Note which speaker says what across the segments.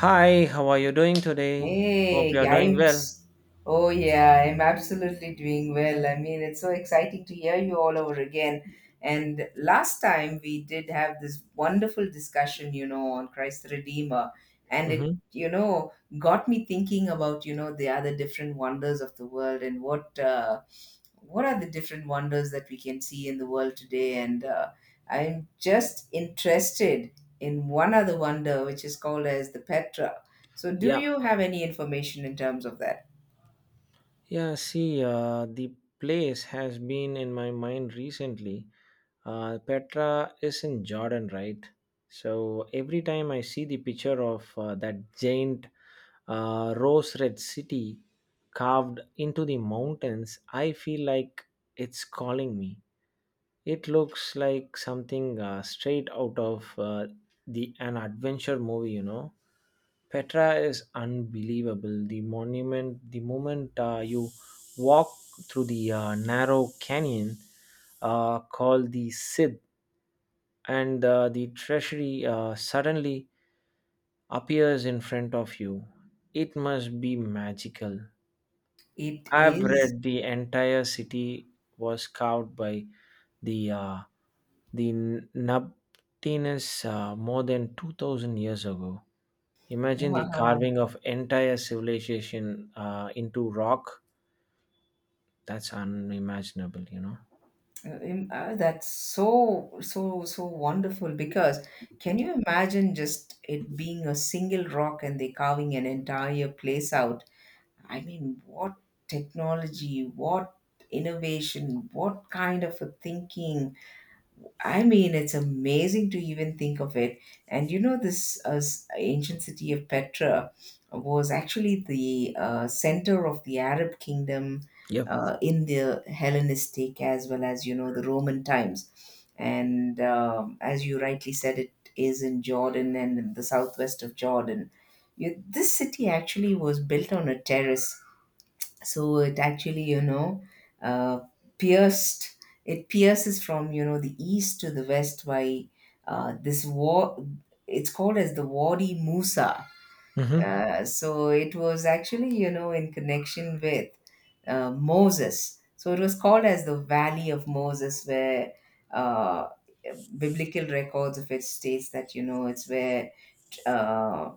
Speaker 1: Hi, how are you doing today? Hope
Speaker 2: Hey,
Speaker 1: you're doing well.
Speaker 2: games. Oh, yeah, I'm absolutely doing well. I mean, it's so exciting to hear you all over again. And last time we did have this wonderful discussion, on Christ the Redeemer. And it,
Speaker 1: Mm-hmm.
Speaker 2: you know, got me thinking about the other different wonders of the world and what are the different wonders that we can see in the world today and I'm just interested in one other wonder which is called as the Petra. So do
Speaker 1: Yeah.
Speaker 2: you have any information in terms of that?
Speaker 1: Yeah, see, the place has been in my mind recently. Petra is in Jordan, right? So every time I see the picture of that giant rose red city carved into the mountains, I feel like it's calling me. It looks like something straight out of the an adventure movie. Petra is unbelievable. The moment you walk through the narrow canyon called the Sid, and the treasury suddenly appears in front of you. It must be magical.
Speaker 2: It
Speaker 1: I've
Speaker 2: is.
Speaker 1: read the entire city was carved by the uh, The Nabtinus more than 2000 years ago. Imagine the
Speaker 2: Wow.
Speaker 1: carving of entire civilization into rock. That's unimaginable.
Speaker 2: That's so so so wonderful because can you imagine just it being a single rock and they carving an entire place out? I mean, what technology, what innovation, what kind of a thinking? I mean, it's amazing to even think of it. And this ancient city of Petra was actually the center of the Arab kingdom
Speaker 1: Yep.
Speaker 2: in the Hellenistic as well as the Roman times. And as you rightly said, it is in Jordan and in the southwest of Jordan. You, this city actually was built on a terrace, so it actually uh, pierced, it pierces from the east to the west by this war. It's called as the Wadi Musa.
Speaker 1: Hmm.
Speaker 2: So it was actually in connection with Moses, so it was called as the valley of Moses, where uh, biblical records of it states that it's where uh,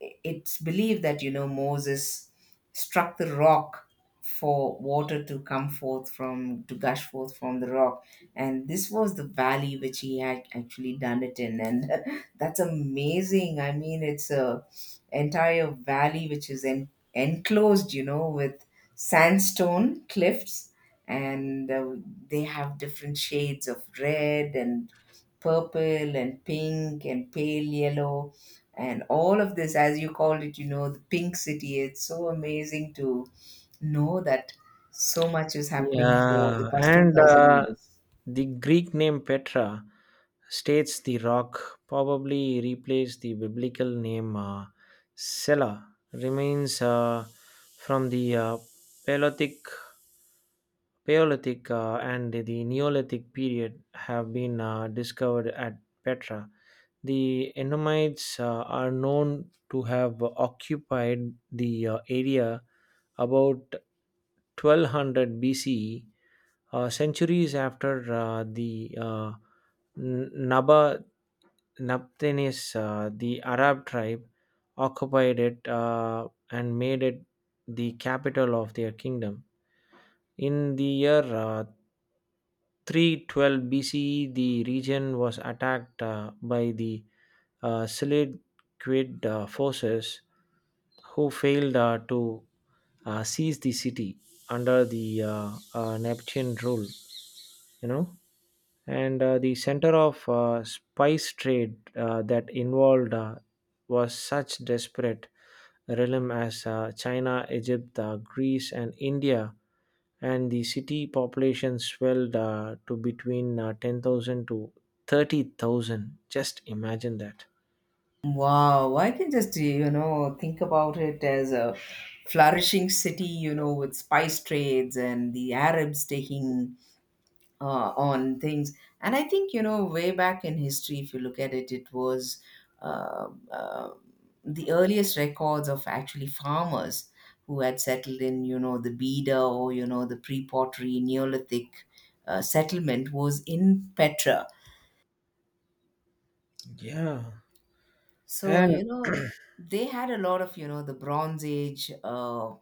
Speaker 2: it's believed that Moses struck the rock for water to come forth from, to gush forth from the rock. And this was the valley which he had actually done it in. And that's amazing. I mean, it's a entire valley which is enclosed with sandstone cliffs. And they have different shades of red and purple and pink and pale yellow. And all of this, as you called it, the pink city, it's so amazing to know that so much is happening for the
Speaker 1: Yeah,
Speaker 2: past
Speaker 1: and
Speaker 2: 2000 years.
Speaker 1: the Greek name Petra states the rock, probably replaced the biblical name Sela, remains from the Paleolithic Paleolithic and the Neolithic period have been discovered at Petra. The Ennomites are known to have occupied the area about 1200 BCE, centuries after the N- Naba Naphthanes, the Arab tribe, occupied it and made it the capital of their kingdom. In the year 312 BCE, the region was attacked by the Seleucid forces, who failed to seize the city under the Neptune rule, you know. And the center of spice trade that involved was such desperate realm as China, Egypt, Greece, and India, and the city population swelled to between 10,000 to 30,000. Just imagine that.
Speaker 2: Wow, I can just think about it as a flourishing city, with spice trades and the Arabs taking on things. And I think, way back in history, if you look at it, it was uh, uh, the earliest records of actually farmers who had settled in, the Beda or, the pre pottery Neolithic settlement was in Petra.
Speaker 1: Yeah.
Speaker 2: So,
Speaker 1: And
Speaker 2: you know, they had a lot of, the Bronze Age. Uh,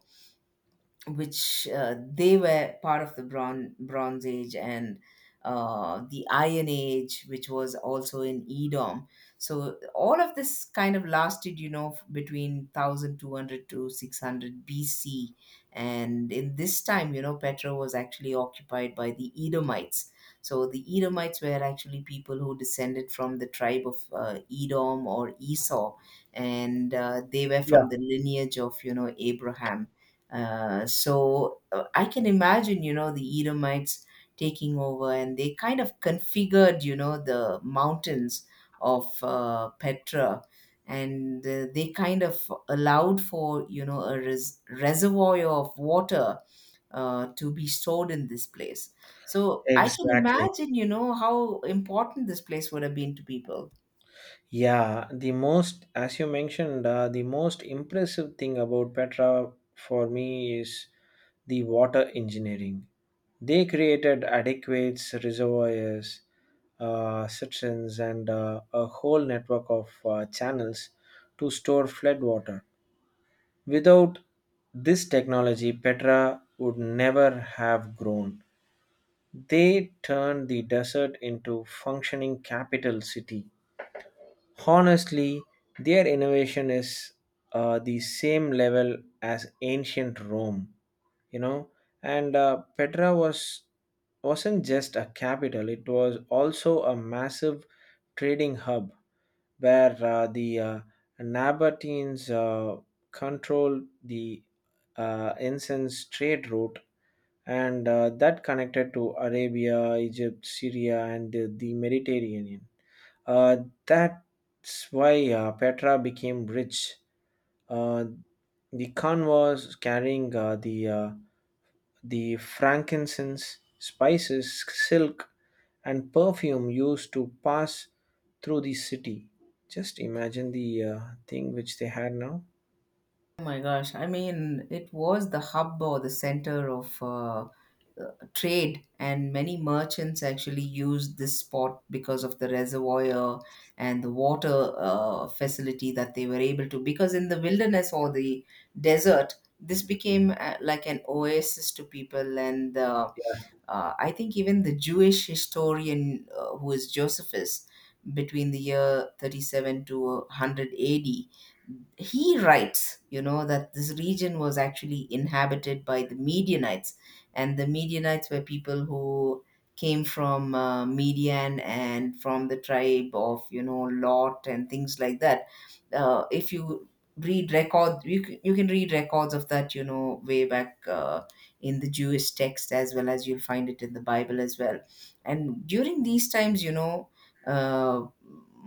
Speaker 2: which they were part of the Bronze Age and the Iron Age, which was also in Edom. So all of this kind of lasted, between 1200 to 600 BC. And in this time, Petra was actually occupied by the Edomites. So the Edomites were actually people who descended from the tribe of Edom or Esau, and they were from the
Speaker 1: yeah,
Speaker 2: lineage of, Abraham. So I can imagine, the Edomites taking over, and they kind of configured, the mountains of Petra, and they kind of allowed for a reservoir of water to be stored in this place. So I can
Speaker 1: exactly.
Speaker 2: imagine, how important this place would have been to people.
Speaker 1: Yeah, the most, as you mentioned, the most impressive thing about Petra for me is the water engineering. They created adequate reservoirs, cisterns, and a whole network of channels to store flood water. Without this technology, Petra would never have grown. They turned the desert into functioning capital city. Honestly, their innovation is the same level as ancient Rome, you know. And Petra wasn't just a capital; it was also a massive trading hub where the Nabateans controlled the incense trade route and that connected to Arabia, Egypt, Syria, and the Mediterranean. Uh, that's why Petra became rich. Uh, the convoys carrying the frankincense, spices, silk, and perfume used to pass through the city. Just imagine the thing which they had now.
Speaker 2: Oh my gosh! I mean, it was the hub or the center of. Trade and many merchants actually used this spot because of the reservoir and the water facility that they were able to, because in the wilderness or the desert this became like an oasis to people. And I think even the Jewish historian who is Josephus, between the year 37 to 100 AD he writes, that this region was actually inhabited by the Medianites, and the Medianites were people who came from Median and from the tribe of Lot and things like that. If you read record, you you can read records of that, way back in the Jewish text as well as you'll find it in the Bible as well. And during these times. Uh,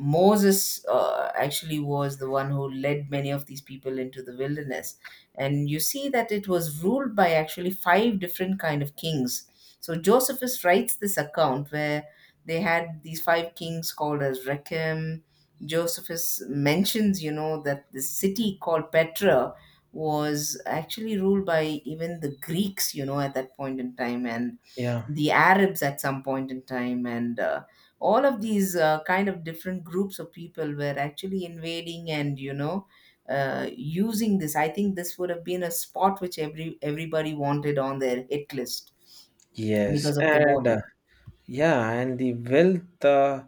Speaker 2: Moses actually was the one who led many of these people into the wilderness, and you see that it was ruled by actually five different kind of kings. So Josephus writes this account where they had these five kings called as Rechem. Josephus mentions, that the city called Petra was actually ruled by even the Greeks, at that point in time, and
Speaker 1: Yeah.
Speaker 2: the Arabs at some point in time, and all of these kind of different groups of people were actually invading and using this. I think this would have been a spot which everybody wanted on their hit list
Speaker 1: Yes.
Speaker 2: because of the
Speaker 1: And
Speaker 2: water.
Speaker 1: yeah, and the wealth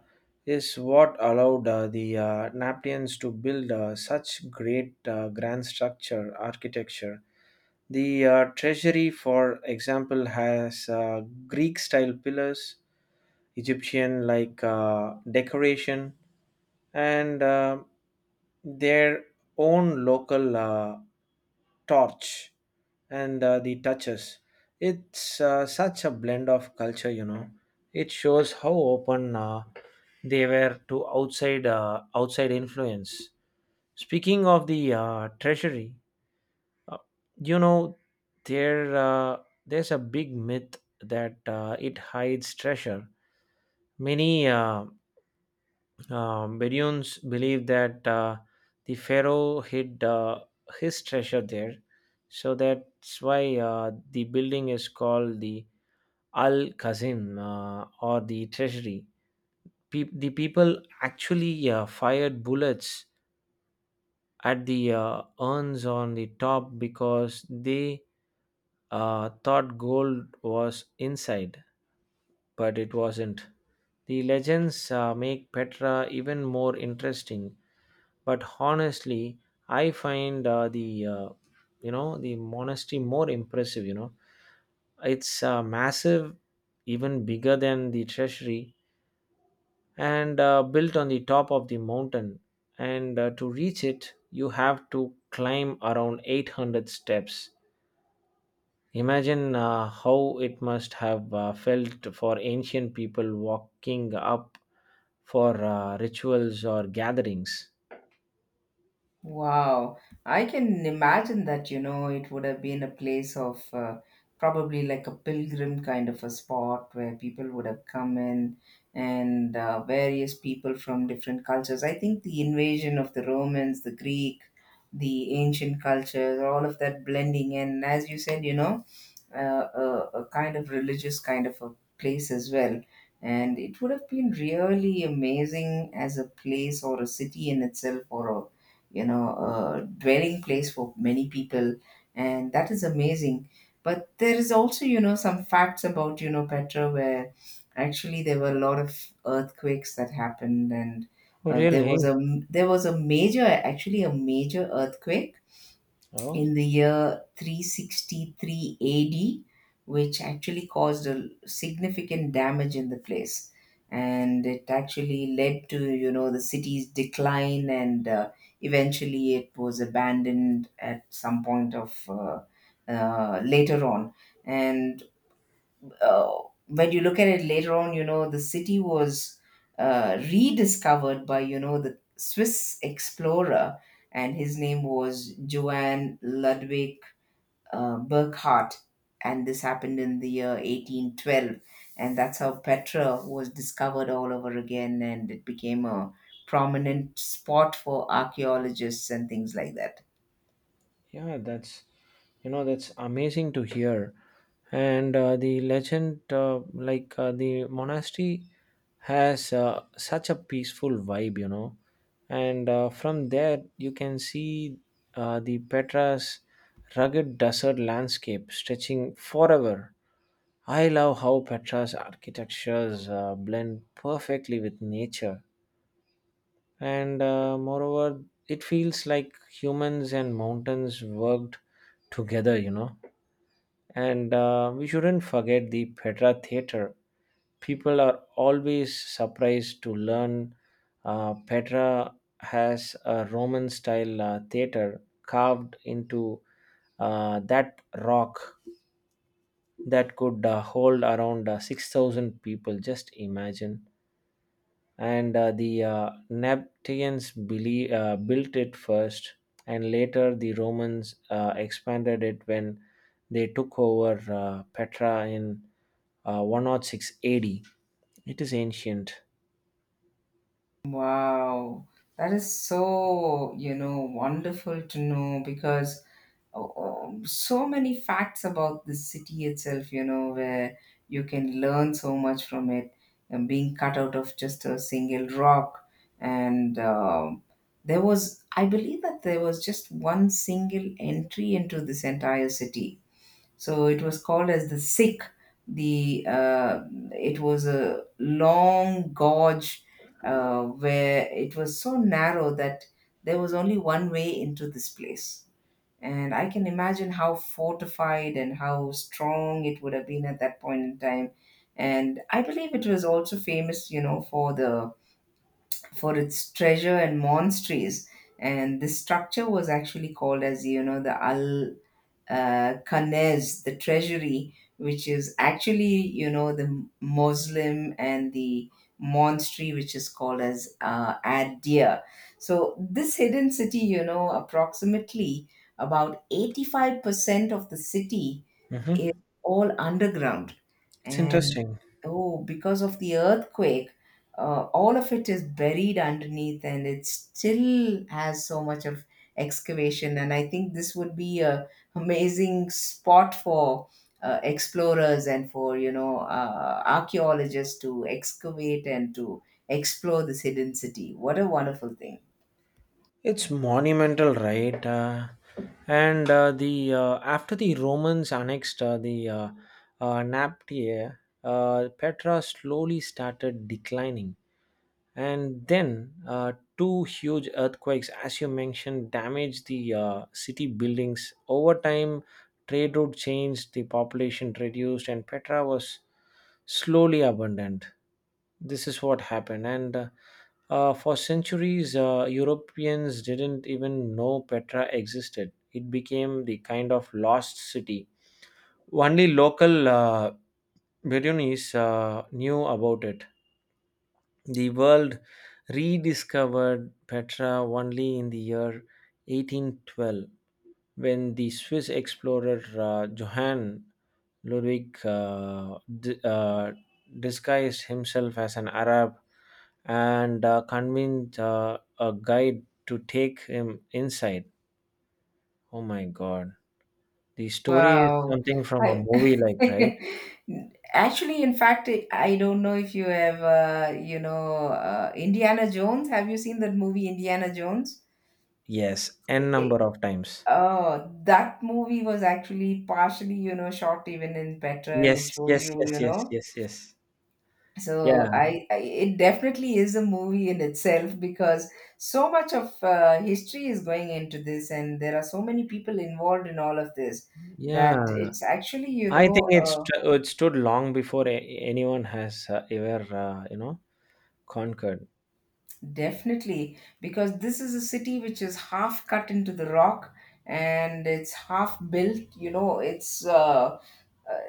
Speaker 1: is what allowed the Naptians to build such great grand structure architecture. The treasury, for example, has Greek style pillars, Egyptian like decoration, and their own local torch and the touches. It's such a blend of culture. It shows how open they were to outside influence. Speaking of the treasury, uh, you know, there uh, there's a big myth that it hides treasure. Many Bedouins believe that the pharaoh hid his treasure there, so that's why the building is called the Al Kazim, or the treasury. The people actually fired bullets at the urns on the top because they thought gold was inside, but it wasn't. The legends make Petra even more interesting. But honestly, I find the monastery more impressive. You know, it's massive, even bigger than the treasury, and built on the top of the mountain. And to reach it, you have to climb around 800 steps. Imagine how it must have felt for ancient people walking up for rituals or gatherings.
Speaker 2: Wow, I can imagine that, it would have been a place of probably like a pilgrim kind of a spot where people would have come in and various people from different cultures. I think the invasion of the Romans, the Greek, the ancient cultures, all of that blending in, as you said, a kind of religious kind of a place as well. And it would have been really amazing as a place or a city in itself or a dwelling place for many people. And that is amazing. But there is also some facts about Petra where actually there were a lot of earthquakes that happened. And
Speaker 1: Oh,
Speaker 2: uh, there
Speaker 1: really?
Speaker 2: was a there was a major, actually a major earthquake
Speaker 1: Oh.
Speaker 2: in the year 363 AD, which actually caused a significant damage in the place. And it actually led to, the city's decline, and eventually it was abandoned at some point of later on. And uh, when you look at it later on, the city was rediscovered by the Swiss explorer, and his name was Johann Ludwig Burckhardt. And this happened in the year 1812. And that's how Petra was discovered all over again, and it became a prominent spot for archaeologists and things like that.
Speaker 1: Yeah, that's you know that's amazing to hear. And the legend, like the monastery, has such a peaceful vibe. And from there, you can see the Petra's rugged desert landscape stretching forever. I love how Petra's architectures blend perfectly with nature, and moreover it feels like humans and mountains worked together, and we shouldn't forget the Petra theater. People are always surprised to learn Petra has a Roman style theater carved into that rock that could hold around 6000 people. Just imagine. And the Naphtalians built it first, and later the Romans expanded it when they took over Petra in 106 AD. It is ancient.
Speaker 2: Wow, that is so wonderful to know because oh, oh, so many facts about the city itself, where you can learn so much from it and being cut out of just a single rock. And there was, I believe that there was just one single entry into this entire city, so it was called as the sick. The it was a long gorge where it was so narrow that there was only one way into this place. And I can imagine how fortified and how strong it would have been at that point in time. And I believe it was also famous, for the for its treasure and monasteries. And this structure was actually called as the Al Kanez, the treasury, which is actually the Muslim and the monastery, which is called as Adir. So this hidden city, approximately about 85% of the city is
Speaker 1: Mhm.
Speaker 2: all underground.
Speaker 1: It's
Speaker 2: And
Speaker 1: interesting.
Speaker 2: oh, because of the earthquake all of it is buried underneath, and it still has so much of excavation. And I think this would be a amazing spot for explorers and for archaeologists to excavate and to explore this hidden city. What a wonderful thing.
Speaker 1: It's monumental, right? And the after the Romans annexed the Naptia, Petra slowly started declining. And then two huge earthquakes, as you mentioned, damaged the city buildings. Over time, trade route changed, the population reduced, and Petra was slowly abandoned. This is what happened. And for centuries, Europeans didn't even know Petra existed. It became the kind of lost city. Only local Bedouins knew about it. The world rediscovered Petra only in the year 1812, when the Swiss explorer Johann Ludwig disguised himself as an Arab and convinced a guide to take him inside. Oh my God. The story is
Speaker 2: Wow.
Speaker 1: something from a
Speaker 2: I
Speaker 1: movie, like, right?
Speaker 2: actually, in fact, I don't know if you have, you know, Indiana Jones. Have you seen that movie, Indiana Jones?
Speaker 1: Yes, n
Speaker 2: I- I-
Speaker 1: number of times.
Speaker 2: Oh, that movie was actually partially shot even in Petra, and
Speaker 1: Yes,
Speaker 2: it shows
Speaker 1: yes,
Speaker 2: you,
Speaker 1: yes,
Speaker 2: you
Speaker 1: yes,
Speaker 2: know.
Speaker 1: yes, yes.
Speaker 2: So
Speaker 1: Yeah,
Speaker 2: I, it definitely is a movie in itself because so much of history is going into this, and there are so many people involved in all of this that
Speaker 1: yeah.
Speaker 2: it's actually, you
Speaker 1: I think
Speaker 2: know.
Speaker 1: it's st- it stood long before anyone has ever conquered.
Speaker 2: Definitely, because this is a city which is half cut into the rock and it's half built. You know, it's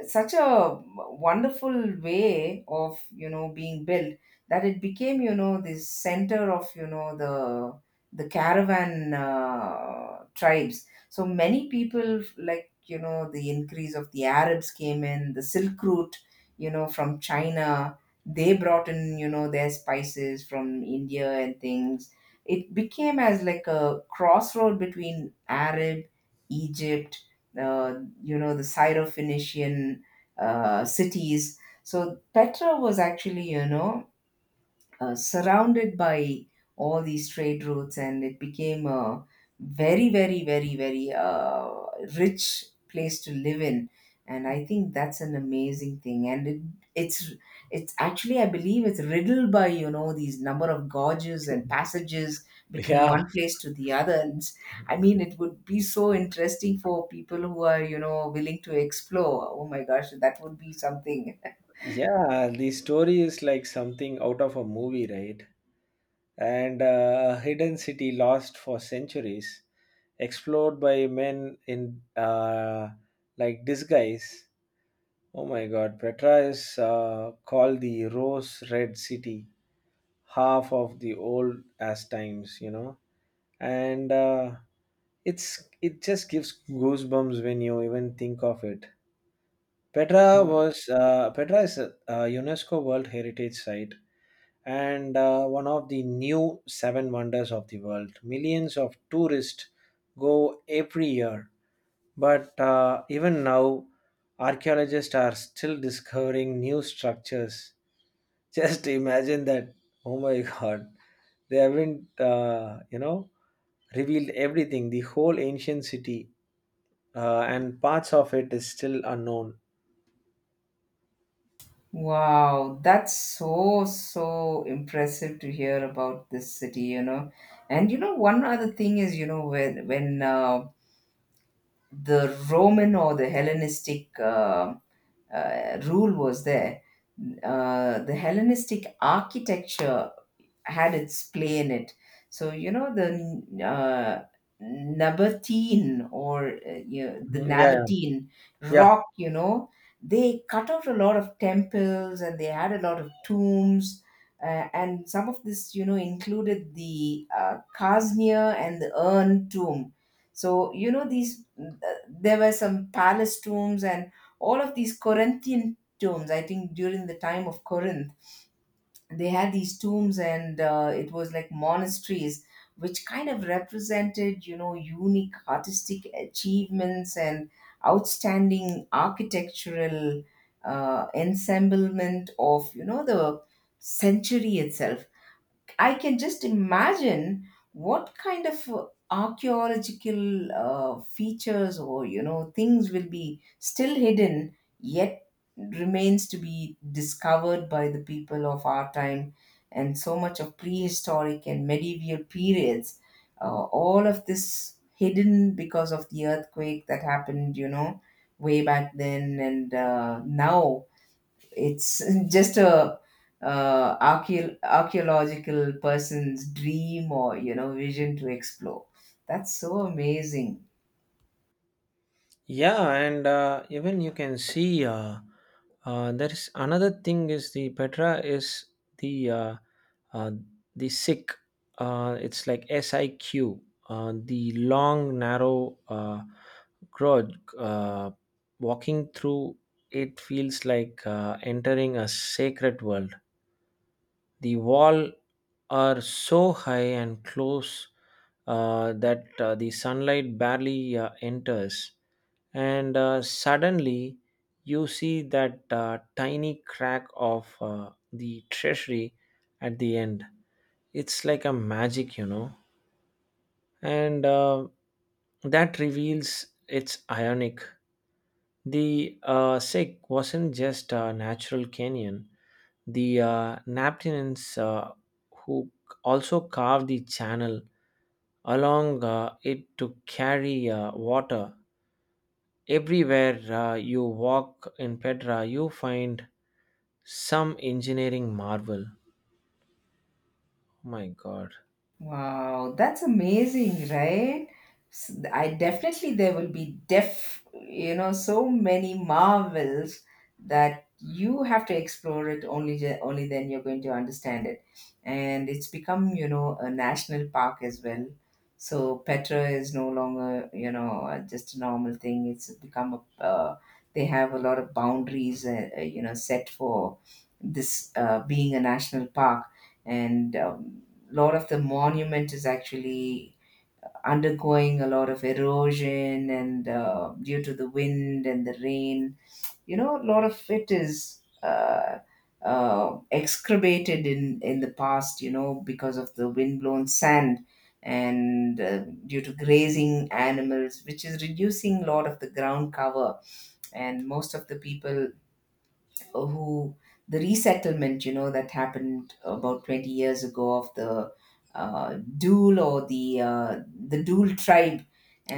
Speaker 2: such a wonderful way of being built, that it became this center of the caravan tribes. So many people like the increase of the Arabs came in the silk route from China. They brought in their spices from India and things. It became as like a crossroad between Arab, Egypt, uh, the Syro Phoenician cities. So Petra was actually, you know, surrounded by all these trade routes, and it became a very, very, rich place to live in. And I think that's an amazing thing. And it's it's actually, I believe, it's riddled by, you know, these number of gorges and passages between
Speaker 1: Yeah,
Speaker 2: one place to the other, I mean, it would be so interesting for people who are, you know, willing to explore. Oh my gosh, that would be something.
Speaker 1: yeah. The story is like something out of a movie, right? And a hidden city lost for centuries, explored by men in, like, disguise. Oh my God, Petra is called the Rose Red City, half of the old as times, and it just gives goosebumps when you even think of it. Petra is a UNESCO World Heritage Site and one of the new seven wonders of the world. Millions of tourists go every year, but even now, archaeologists are still discovering new structures. Just imagine that! Oh my God, they haven't revealed everything. The whole ancient city and parts of it is still unknown.
Speaker 2: Wow, that's so, so impressive to hear about this city, you know. And you know, one other thing is, you know, when when the Roman or the Hellenistic rule was there, the Hellenistic architecture had its play in it. So you know, the Nabatean or, you know, the
Speaker 1: Mhm. Yeah, yeah.
Speaker 2: Nabatean
Speaker 1: Yeah,
Speaker 2: rock, you know, they cut out a lot of temples and they had a lot of tombs. And some of this, you know, included the Khaznia and the urn tomb. So, you know, these, there were some palace tombs and all of these Corinthian tombs, I think, during the time of Corinth they had these tombs, and it was like monasteries which kind of represented, you know, unique artistic achievements and outstanding architectural ensemblement of, you know, the century itself. I can just imagine what kind of archaeological features or, you know, things will be still hidden yet, remains to be discovered by the people of our time, and so much of prehistoric and medieval periods, all of this hidden because of the earthquake that happened, you know, way back then. And now it's just a archaeological person's dream or, you know, vision to explore. That's so amazing.
Speaker 1: yeah, and even you can see, there is another thing is the Petra is the uh, uh, the sick. It's like SIQ, the long narrow grudge. Uh, walking through it feels like entering a sacred world. The wall are so high and close that the sunlight barely enters, and suddenly you see that tiny crack of the treasury at the end. It's like a magic. And that reveals it's ionic. The sick wasn't just a natural Kenyan. The Naptinians who also carved the channel along it to carry water. Everywhere you walk in Petra, you find some engineering marvel. Oh my God.
Speaker 2: Wow, that's amazing, right? I definitely, there will be you know, so many marvels that you have to explore it. Only only then you're going to understand it. And it's become, you know, a national park as well. So Petra is no longer, you know, just a normal thing. It's become a, they have a lot of boundaries, you know, set for this, being a national park. And lot of the monument is actually undergoing a lot of erosion, and due to the wind and the rain, you know, a lot of it is excavated in the past, you know, because of the windblown sand, and due to grazing animals, which is reducing a lot of the ground cover. And most of the people who, the resettlement, you know, that happened about 20 years ago, of the Dul or the, the Dul tribe,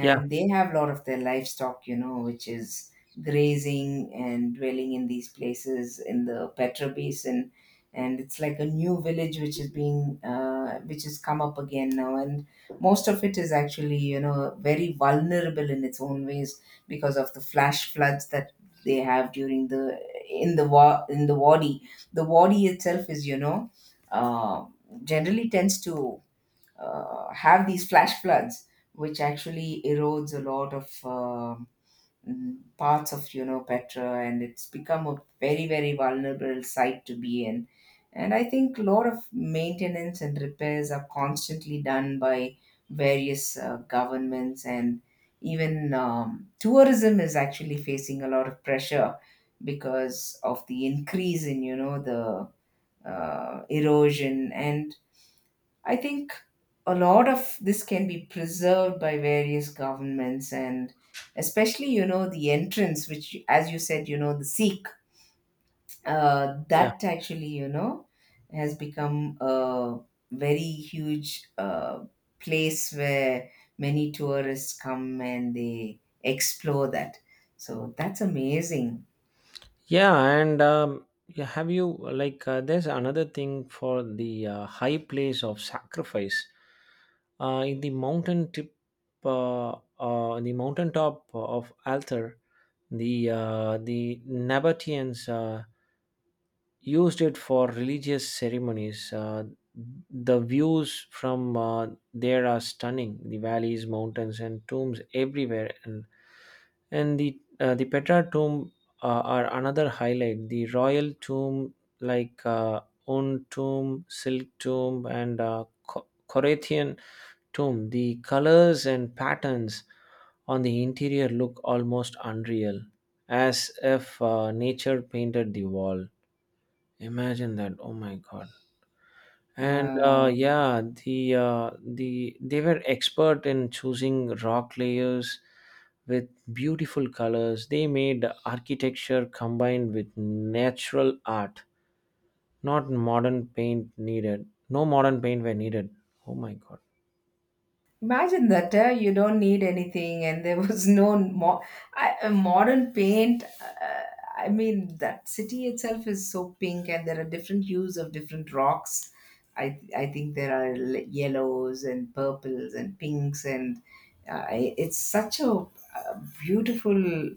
Speaker 1: Yeah,
Speaker 2: they have a lot of their livestock, you know, which is grazing and dwelling in these places in the Petra basin. And it's like a new village which is being, which has come up again now. And most of it is actually, you know, very vulnerable in its own ways because of the flash floods that they have during the in the wa- in the body itself is, you know, uh, generally tends to have these flash floods, which actually erodes a lot of, parts of, you know, Petra, and it's become a very, very vulnerable site to be in. And I think a lot of maintenance and repairs are constantly done by various governments, and even, tourism is actually facing a lot of pressure because of the increase in, you know, the erosion. And I think a lot of this can be preserved by various governments, and especially, you know, the entrance, which, as you said, you know, the Sikh,
Speaker 1: yeah,
Speaker 2: that actually, you know, has become a very huge place where many tourists come and they explore that. So that's amazing.
Speaker 1: yeah. And yeah, have you, like there's another thing for the high place of sacrifice in the mountain tip, in the mountain top of Altar. The Nabateans used it for religious ceremonies. The views from there are stunning. The valleys, mountains, and tombs everywhere. And the Petra tomb are another highlight. The royal tomb, like Un tomb, Silk tomb, and Corinthian tomb. The colors and patterns on the interior look almost unreal, as if nature painted the wall. Imagine that. Oh my God. And
Speaker 2: Wow.
Speaker 1: yeah, they were expert in choosing rock layers with beautiful colors. They made architecture combined with natural art, not modern paint needed. No modern paint were needed. Oh my God.
Speaker 2: Imagine that, you don't need anything, and there was no modern paint. I mean, that city itself is so pink, and there are different hues of different rocks. I think there are yellows and purples and pinks, and it's such a, uh, beautiful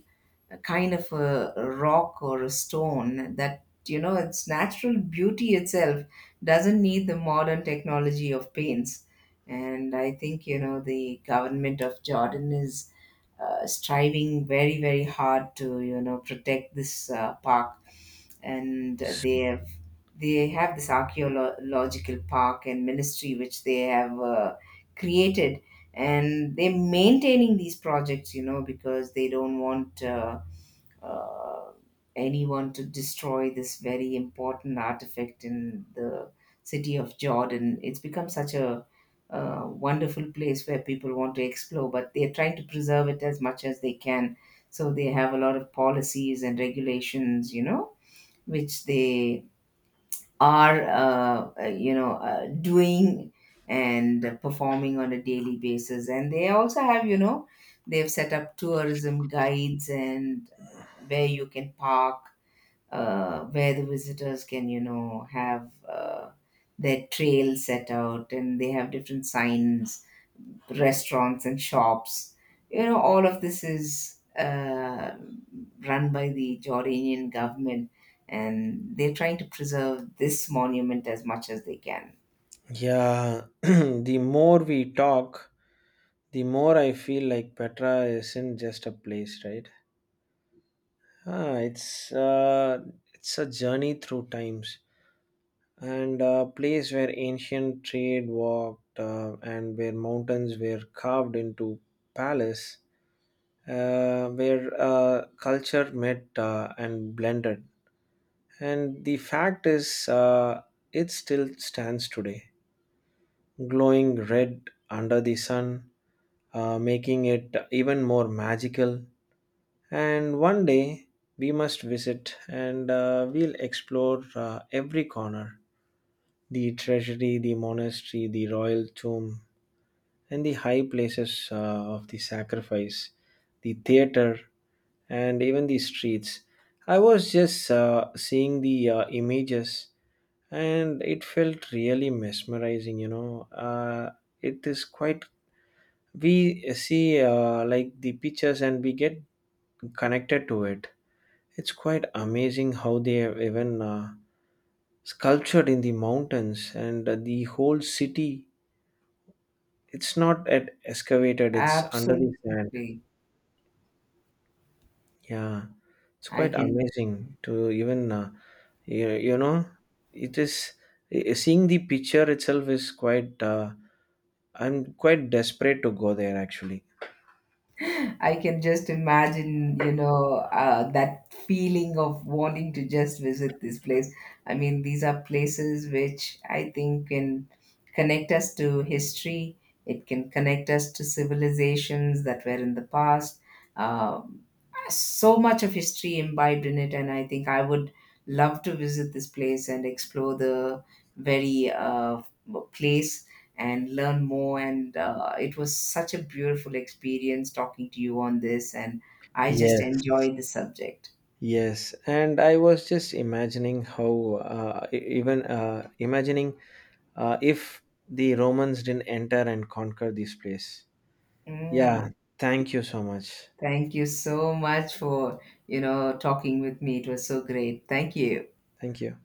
Speaker 2: kind of a rock or a stone that, you know, its natural beauty itself doesn't need the modern technology of paints. And I think, you know, the government of Jordan is, striving very, very hard to, you know, protect this, park. And
Speaker 1: S-
Speaker 2: they have this archaeological park and ministry which they have, created, and they're maintaining these projects, you know, because they don't want, uh, anyone to destroy this very important artifact in the city of Jordan. It's become such a wonderful place where people want to explore, but they're trying to preserve it as much as they can. So they have a lot of policies and regulations, you know, which they are you know, doing and performing on a daily basis. And they also have, you know, they've set up tourism guides and where you can park, where the visitors can, you know, have, their trail set out, and they have different signs, restaurants and shops. You know, all of this is, run by the Jordanian government, and they're trying to preserve this monument as much as they can.
Speaker 1: Yeah, the more we talk, the more I feel like Petra isn't just a place, right? Ah, it's a journey through times, and a place where ancient trade walked and where mountains were carved into palace, where culture met and blended. And the fact is, it still stands today, glowing red under the sun, making it even more magical. And one day we must visit and we'll explore every corner: the treasury, the monastery, the royal tomb, and the high places of the sacrifice, the theater, and even the streets. I was just seeing the images, and it felt really mesmerizing. It is quite, we see like the pictures, and we get connected to it. It's quite amazing how they have even sculptured in the mountains and the whole city. It's not at excavated, it's under the sand.
Speaker 2: Absolutely,
Speaker 1: Yeah, it's
Speaker 2: I
Speaker 1: quite
Speaker 2: can
Speaker 1: amazing to even, you, you know, it is, seeing the picture itself is I'm quite desperate to go there actually.
Speaker 2: I can just imagine, you know, that feeling of wanting to just visit this place. I mean, these are places which I think can connect us to history. It can connect us to civilizations that were in the past. Um, so much of history imbibed in it, and I think I would love to visit this place and explore the very, place, and learn more. And it was such a beautiful experience talking to you on this, and I just
Speaker 1: Yes,
Speaker 2: enjoy the subject.
Speaker 1: yes, and I was just imagining how even imagining if the Romans didn't enter and conquer this place. Yeah,
Speaker 2: Mm,
Speaker 1: thank you so much.
Speaker 2: thank you so much for, you know, talking with me. It was so great. Thank you.
Speaker 1: Thank you.